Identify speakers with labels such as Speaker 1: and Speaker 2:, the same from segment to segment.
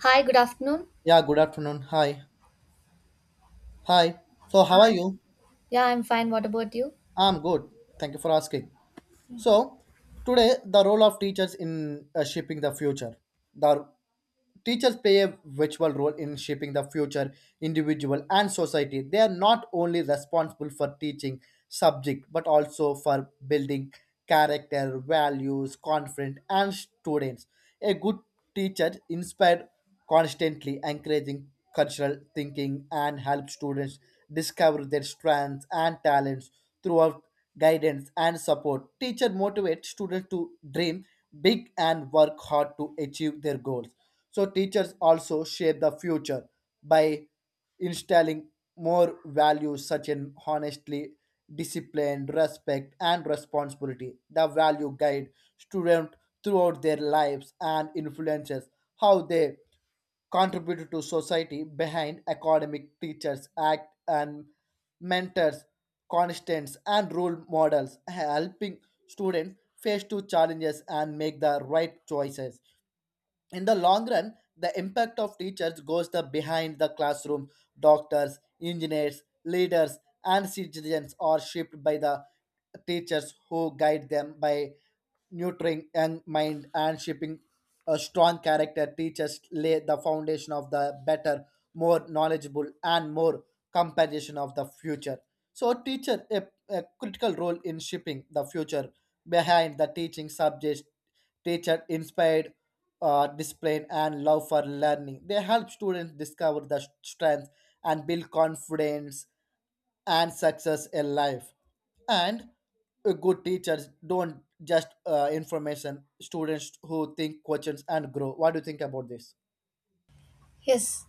Speaker 1: Hi, good afternoon.
Speaker 2: Yeah, good afternoon. Hi. Hi. So, how are you?
Speaker 1: Yeah, I'm fine. What about you?
Speaker 2: I'm good. Thank you for asking. So, today, the role of teachers in shaping the future. The teachers play a virtual role in shaping the future, individual and society. They are not only responsible for teaching subject, but also for building character, values, confidence, and students. A good teacher inspired constantly encouraging cultural thinking and help students discover their strengths and talents throughout guidance and support. Teacher motivate students to dream big and work hard to achieve their goals. So teachers also shape the future by instilling more values such as honestly, discipline, respect, and responsibility. The value guide students throughout their lives and influences how they contributed to society behind academic teachers act and mentors constants and role models helping students face to challenges and make the right choices in the long run the impact of teachers goes the behind the classroom doctors engineers leaders and citizens are shaped by the teachers who guide them by nurturing young mind and shaping a strong character teachers lay the foundation of the better more knowledgeable and more compassion of the future so teacher a critical role in shaping the future behind the teaching subjects. Teacher inspired discipline and love for learning. They help students discover their strengths and build confidence and success in life. And a good teachers don't just information students who think questions and grow. What do you think about this?
Speaker 1: Yes,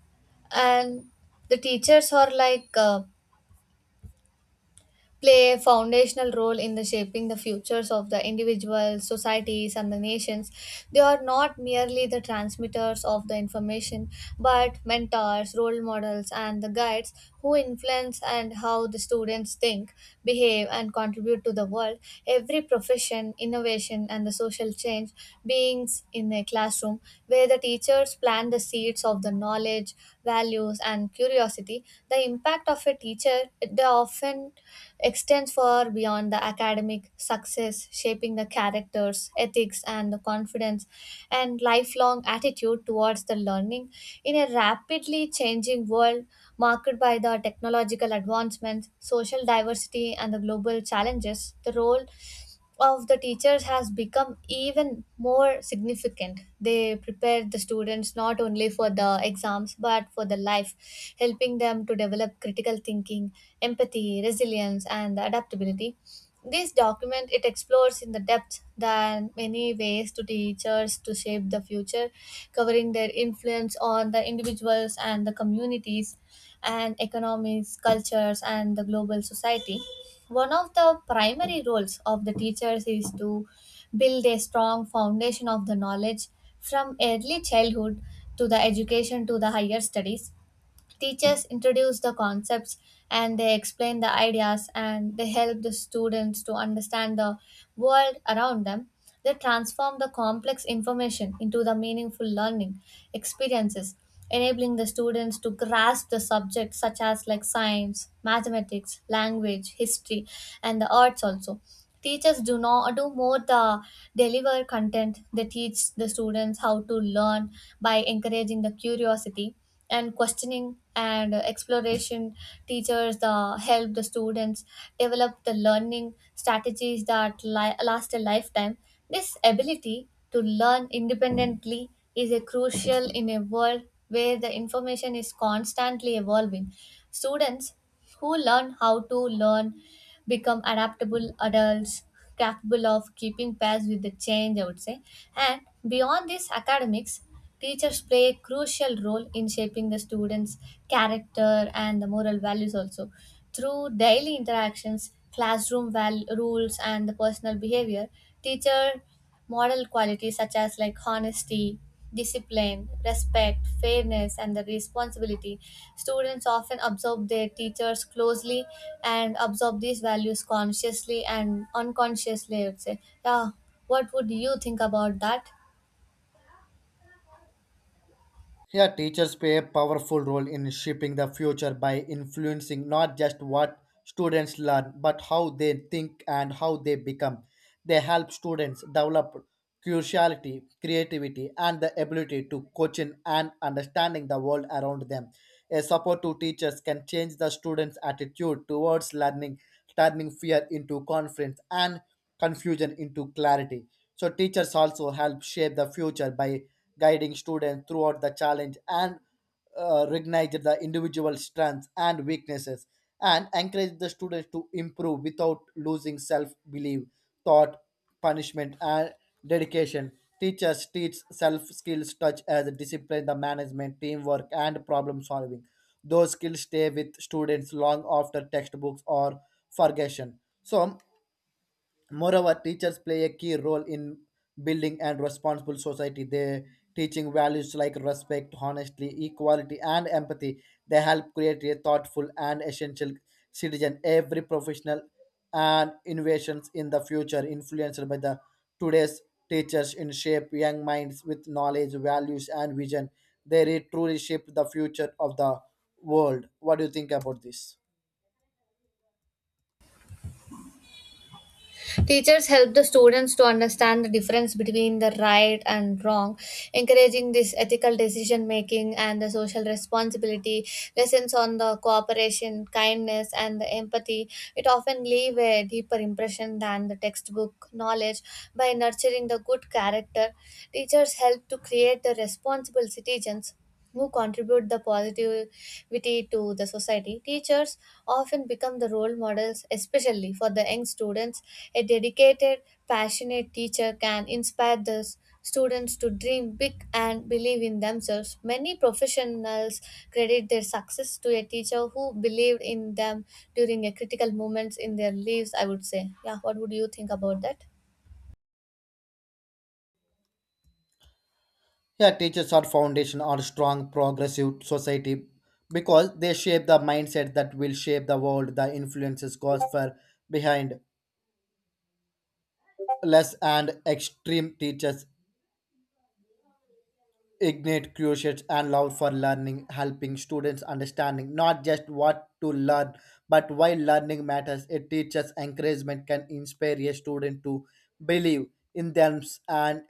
Speaker 1: and the teachers are like play a foundational role in the shaping the futures of the individuals, societies and the nations. They are not merely the transmitters of the information, but mentors, role models, and the guides who influence and how the students think, behave, and contribute to the world. Every profession, innovation, and the social change beings in a classroom where the teachers plant the seeds of the knowledge, values, and curiosity. The impact of a teacher it often extends far beyond the academic success, shaping the characters, ethics, and the confidence and lifelong attitude towards the learning. In a rapidly changing world marked by the technological advancements, social diversity, and the global challenges, the role of the teachers has become even more significant. They prepare the students not only for the exams but for the life, helping them to develop critical thinking, empathy, resilience, and adaptability. This document it explores in the depth than many ways to teachers to shape the future, covering their influence on the individuals and the communities and economies, cultures, and the global society. One of the primary roles of the teachers is to build a strong foundation of the knowledge from early childhood to the education to the higher studies. Teachers introduce the concepts and they explain the ideas and they help the students to understand the world around them. They transform the complex information into the meaningful learning experiences, enabling the students to grasp the subjects such as like science, mathematics, language, history, and the arts. Also teachers do not do more the deliver content, they teach the students how to learn by encouraging the curiosity and questioning and exploration. Teachers the help the students develop the learning strategies that last a lifetime. This ability to learn independently is a crucial in a world where the information is constantly evolving. Students who learn how to learn become adaptable adults, capable of keeping pace with the change, I would say. And beyond this academics, teachers play a crucial role in shaping the students' character and the moral values also. Through daily interactions, classroom rules, and the personal behavior, teacher moral qualities such as like honesty, discipline, respect, fairness, and the responsibility. Students often observe their teachers closely and absorb these values consciously and unconsciously, I would say. Yeah, what would you think about that?
Speaker 2: Yeah, teachers play a powerful role in shaping the future by influencing not just what students learn, but how they think and how they become. They help students develop curiosity, creativity, and the ability to question and understanding the world around them. A support to teachers can change the students' attitude towards learning, turning fear into confidence and confusion into clarity. So teachers also help shape the future by guiding students throughout the challenge and recognize the individual strengths and weaknesses and encourage the students to improve without losing self-belief, thought, punishment, and dedication. Teachers teach self-skills such as discipline, the management, teamwork, and problem solving. Those skills stay with students long after textbooks are forgotten. So moreover, teachers play a key role in building and responsible society. They teaching values like respect, honesty, equality, and empathy. They help create a thoughtful and essential citizen. Every professional and innovations in the future influenced by the today's teachers in shape young minds with knowledge, values, and vision. They truly shape the future of the world. What do you think about this?
Speaker 1: Teachers help the students to understand the difference between the right and wrong, encouraging this ethical decision making and the social responsibility, lessons on the cooperation, kindness, and the empathy. It often leave a deeper impression than the textbook knowledge by nurturing the good character. Teachers help to create the responsible citizens who contribute the positivity to the society. Teachers often become the role models, especially for the young students. A dedicated, passionate teacher can inspire the students to dream big and believe in themselves. Many professionals credit their success to a teacher who believed in them during a critical moments in their lives, I would say. Yeah, what would you think about that?
Speaker 2: Yeah, teachers are foundation or strong progressive society because they shape the mindset that will shape the world. The influences cause for behind less and extreme teachers ignite curiosity and love for learning, helping students understanding not just what to learn, but why learning matters. A teacher's encouragement can inspire a student to believe in themselves and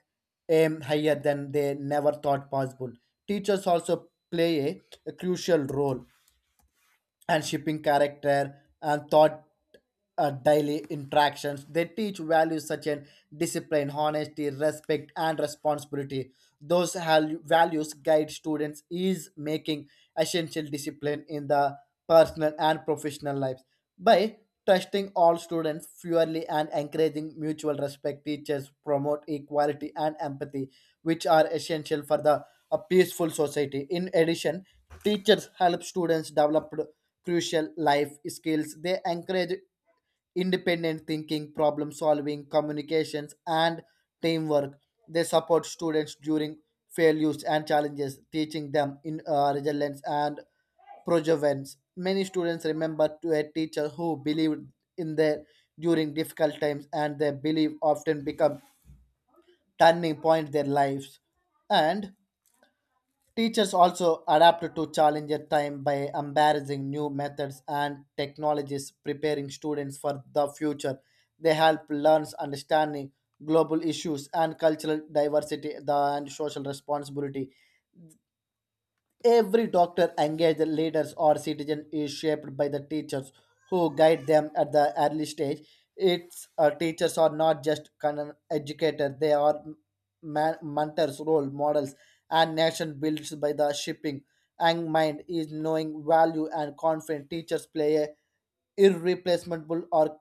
Speaker 2: aim higher than they never thought possible. Teachers also play a crucial role and shipping character and thought daily interactions. They teach values such as discipline, honesty, respect, and responsibility. Those values guide students is making essential discipline in the personal and professional lives. By trusting all students fairly and encouraging mutual respect, teachers promote equality and empathy, which are essential for the a peaceful society. In addition, teachers help students develop crucial life skills. They encourage independent thinking, problem solving, communications, and teamwork. They support students during failures and challenges, teaching them in resilience and perseverance. Many students remember to a teacher who believed in their during difficult times, and their belief often become turning point their lives. And teachers also adapt to challenge at time by embarrassing new methods and technologies, preparing students for the future. They help learn understanding global issues and cultural diversity and social responsibility. Every doctor engaged leaders or citizen is shaped by the teachers who guide them at the early stage. Its teachers are not just kind educators; they are mentors, role models, and nation builds by the shipping. And mind is knowing value and confident. Teachers play a irreplaceable or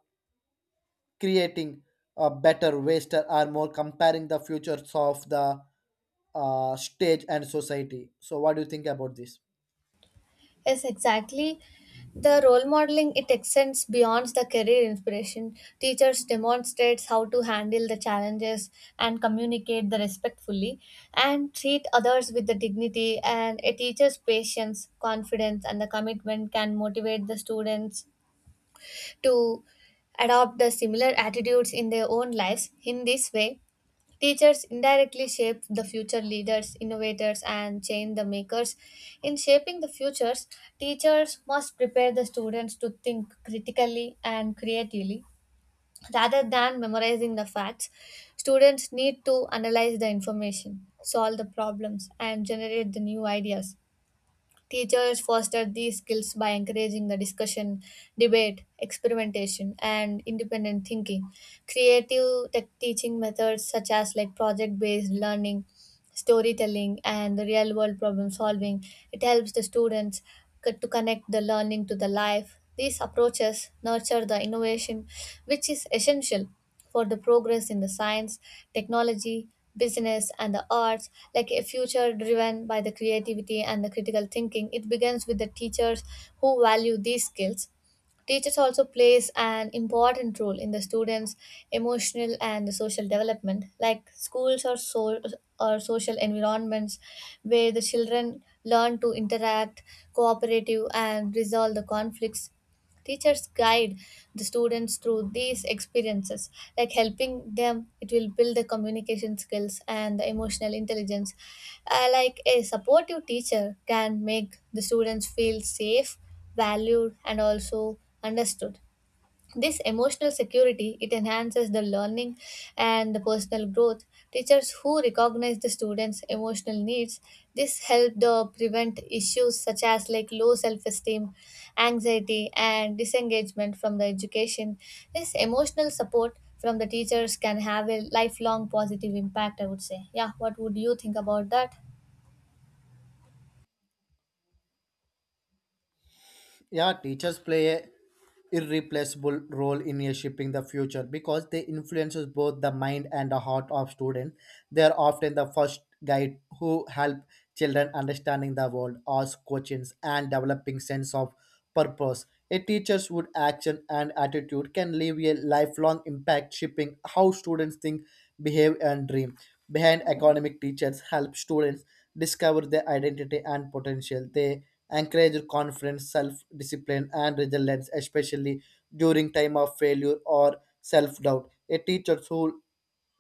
Speaker 2: creating a better waster or more comparing the futures of the stage and society. So, what do you think about this?
Speaker 1: Yes, exactly. The role modeling it extends beyond the career inspiration. Teachers demonstrates how to handle the challenges and communicate the respectfully and treat others with the dignity, and a teacher's patience, confidence and the commitment can motivate the students to adopt the similar attitudes in their own lives. In this way, teachers indirectly shape the future leaders, innovators, and change the makers. In shaping the futures, teachers must prepare the students to think critically and creatively rather than memorizing the facts. Students need to analyze the information, solve the problems, and generate the new ideas. Teachers foster these skills by encouraging the discussion, debate, experimentation, and independent thinking. Creative tech teaching methods such as like project-based learning, storytelling, and the real-world problem solving. It helps the students to connect the learning to the life. These approaches nurture the innovation, which is essential for the progress in the science, technology, business, and the arts, like a future driven by the creativity and the critical thinking. It begins with the teachers who value these skills. Teachers also plays an important role in the students' emotional and the social development, like schools or so or social environments where the children learn to interact, cooperative, and resolve the conflicts. Teachers guide the students through these experiences, like helping them, it will build the communication skills and the emotional intelligence. Like a supportive teacher can make the students feel safe, valued, and also understood. This emotional security it enhances the learning and the personal growth. Teachers who recognize the students emotional needs, this help the prevent issues such as like low self-esteem, anxiety and disengagement from the education. This emotional support from the teachers can have a lifelong positive impact, I would say. Yeah, what would you think about that?
Speaker 2: Yeah, teachers play a irreplaceable role in a shaping the future because they influences both the mind and the heart of students. They are often the first guide who help children understanding the world ask questions and developing sense of purpose. A teacher's would action and attitude can leave a lifelong impact shaping how students think, behave and dream behind academic. Teachers help students discover their identity and potential. They encourage confidence, self-discipline, and resilience, especially during time of failure or self-doubt. A teacher who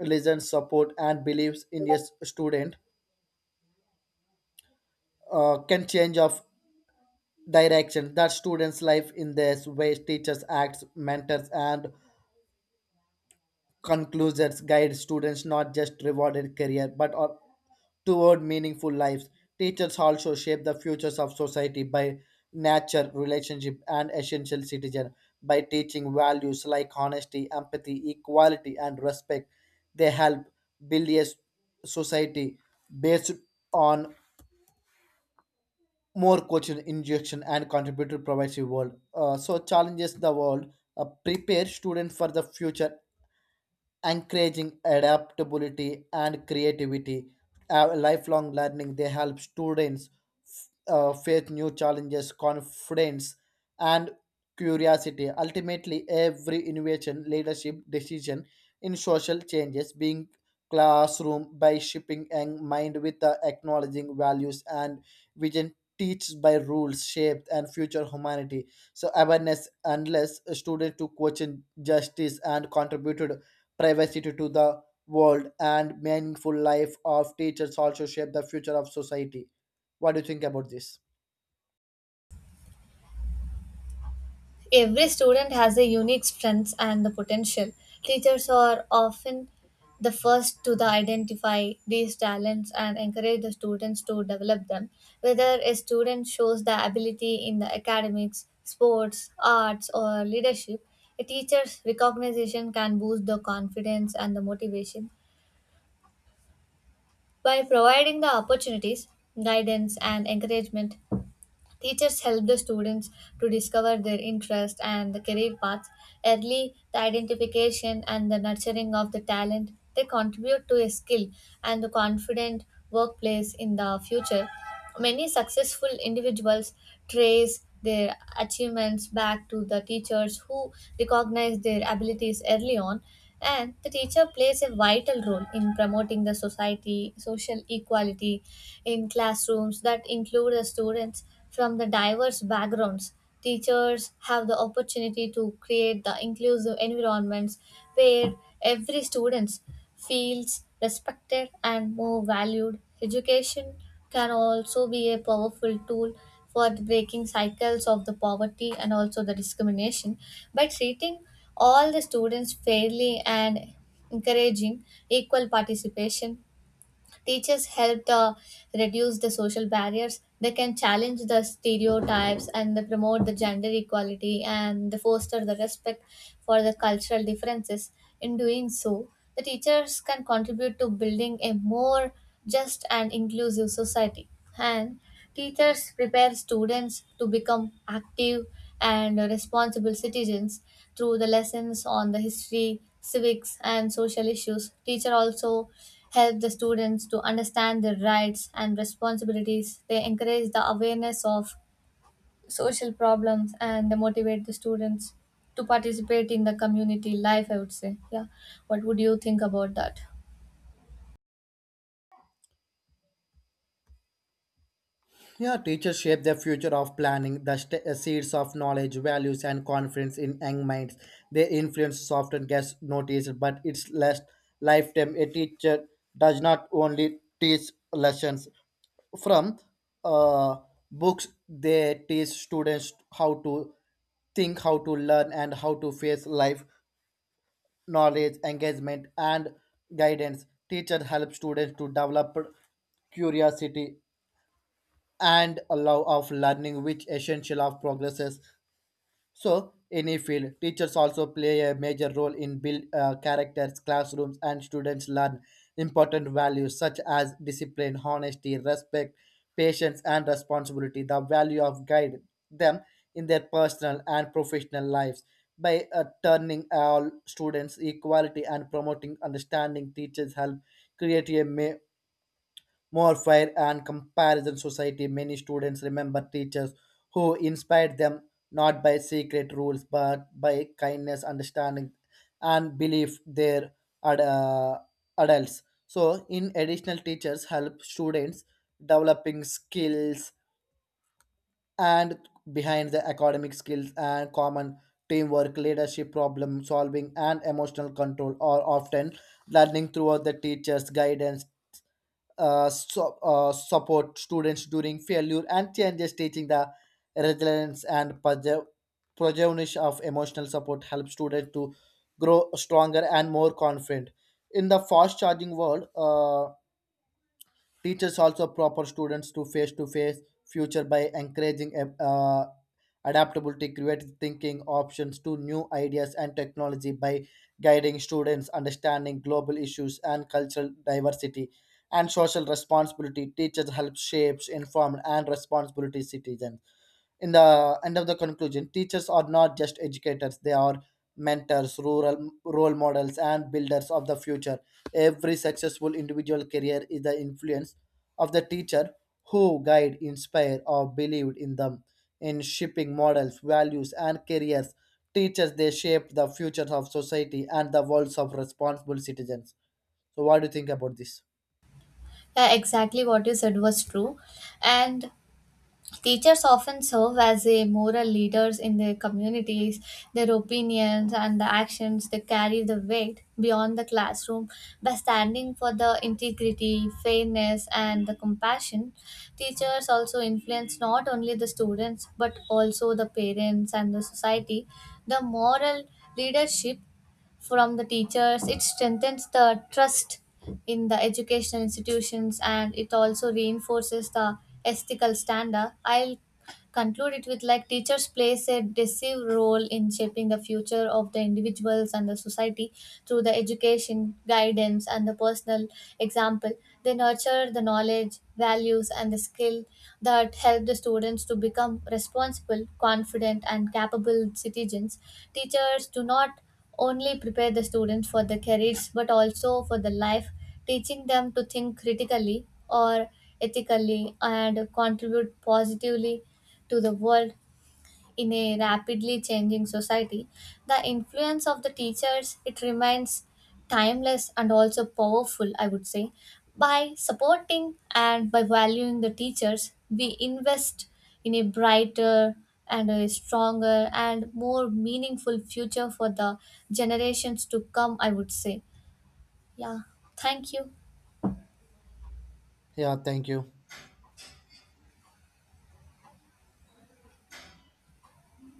Speaker 2: listens, support, and believes in student can change of direction that students' life in this way. Teachers, acts, mentors, and conclusions guide students not just rewarded career toward meaningful lives. Teachers also shape the futures of society by nature, relationship, and essential citizen by teaching values like honesty, empathy, equality, and respect. They help build society based on more coaching, injection, and contributor provides a world. So challenges the world, prepare students for the future encouraging adaptability and creativity, lifelong learning. They help students face new challenges confidence and curiosity. Ultimately every innovation leadership decision in social changes being classroom by shipping and mind with the acknowledging values and vision teach by rules shaped and future humanity. So awareness unless a student to question justice and contributed privacy to the world and meaningful life of teachers also shape the future of society. What do you think about this?
Speaker 1: Every student has a unique strengths and the potential. Teachers are often the first to the identify these talents and encourage the students to develop them. Whether a student shows the ability in the academics, sports, arts, or leadership, a teacher's recognition can boost the confidence and the motivation. By providing the opportunities, guidance, and encouragement, teachers help the students to discover their interest and the career paths early, the identification and the nurturing of the talent. They contribute to a skill and the confident workplace in the future. Many successful individuals trace their achievements back to the teachers who recognize their abilities early on. And the teacher plays a vital role in promoting the society, social equality in classrooms that include the students from the diverse backgrounds. Teachers have the opportunity to create the inclusive environments where every student feels respected and more valued. Education can also be a powerful tool for the breaking cycles of the poverty and also the discrimination. By treating all the students fairly and encouraging equal participation, teachers help reduce the social barriers. They can challenge the stereotypes and they promote the gender equality and they foster the respect for the cultural differences. In doing so, the teachers can contribute to building a more just and inclusive society. And teachers prepare students to become active and responsible citizens through the lessons on the history, civics, and social issues. Teacher also help the students to understand their rights and responsibilities. They encourage the awareness of social problems and they motivate the students to participate in the community life, I would say. Yeah. What would you think about that?
Speaker 2: Yeah, teachers shape the future of planning the seeds of knowledge values and confidence in young minds. Their influence often gets noticed but it's less lifetime. A teacher does not only teach lessons from uh, books. They teach students how to think, how to learn and how to face life knowledge, engagement, and guidance. Teacher help students to develop curiosity and a love of learning, which essential of progresses. So, any field, teachers also play a major role in build characters, classrooms, and students learn important values such as discipline, honesty, respect, patience, and responsibility. The value of guide them in their personal and professional lives by turning all students equality and promoting understanding. Teachers help create more fair and comparison society. Many students remember teachers who inspired them not by secret rules but by kindness, understanding, and belief their ad- uh, adults. So, in additional, teachers help students developing skills and behind the academic skills and common teamwork, leadership, problem solving, and emotional control are often learning throughout the teacher's guidance, support students during failure and changes teaching the resilience and perseverance of emotional support help students to grow stronger and more confident in the fast charging world. Teachers also proper students to face future by encouraging adaptability, creative thinking, options to new ideas and technology by guiding students understanding global issues and cultural diversity and social responsibility. Teachers help shapes informed and responsibility citizens. In the end of the conclusion, teachers are not just educators, they are mentors, rural role models, and builders of the future. Every successful individual career is the influence of the teacher who guide, inspire, or believed in them. In shaping models, values, and careers, teachers they shape the futures of society and the worlds of responsible citizens. So, what do you think about this?
Speaker 1: Yeah, exactly what you said was true. And teachers often serve as a moral leaders in their communities. Their opinions and the actions, they carry the weight beyond the classroom by standing for the integrity, fairness and the compassion. Teachers also influence not only the students but also the parents and the society. The moral leadership from the teachers, it strengthens the trust in the educational institutions and it also reinforces the ethical standard. I'll conclude it with like teachers plays a decisive role in shaping the future of the individuals and the society through the education, guidance and the personal example. They nurture the knowledge, values and the skill that help the students to become responsible, confident and capable citizens. Teachers do not only prepare the students for the careers but also for the life, teaching them to think critically or ethically and contribute positively to the world. In a rapidly changing society, the influence of the teachers it remains timeless and also powerful, I would say. By supporting and by valuing the teachers, we invest in a brighter and a stronger and more meaningful future for the generations to come, I would say. Yeah, thank you.
Speaker 2: Yeah, thank you.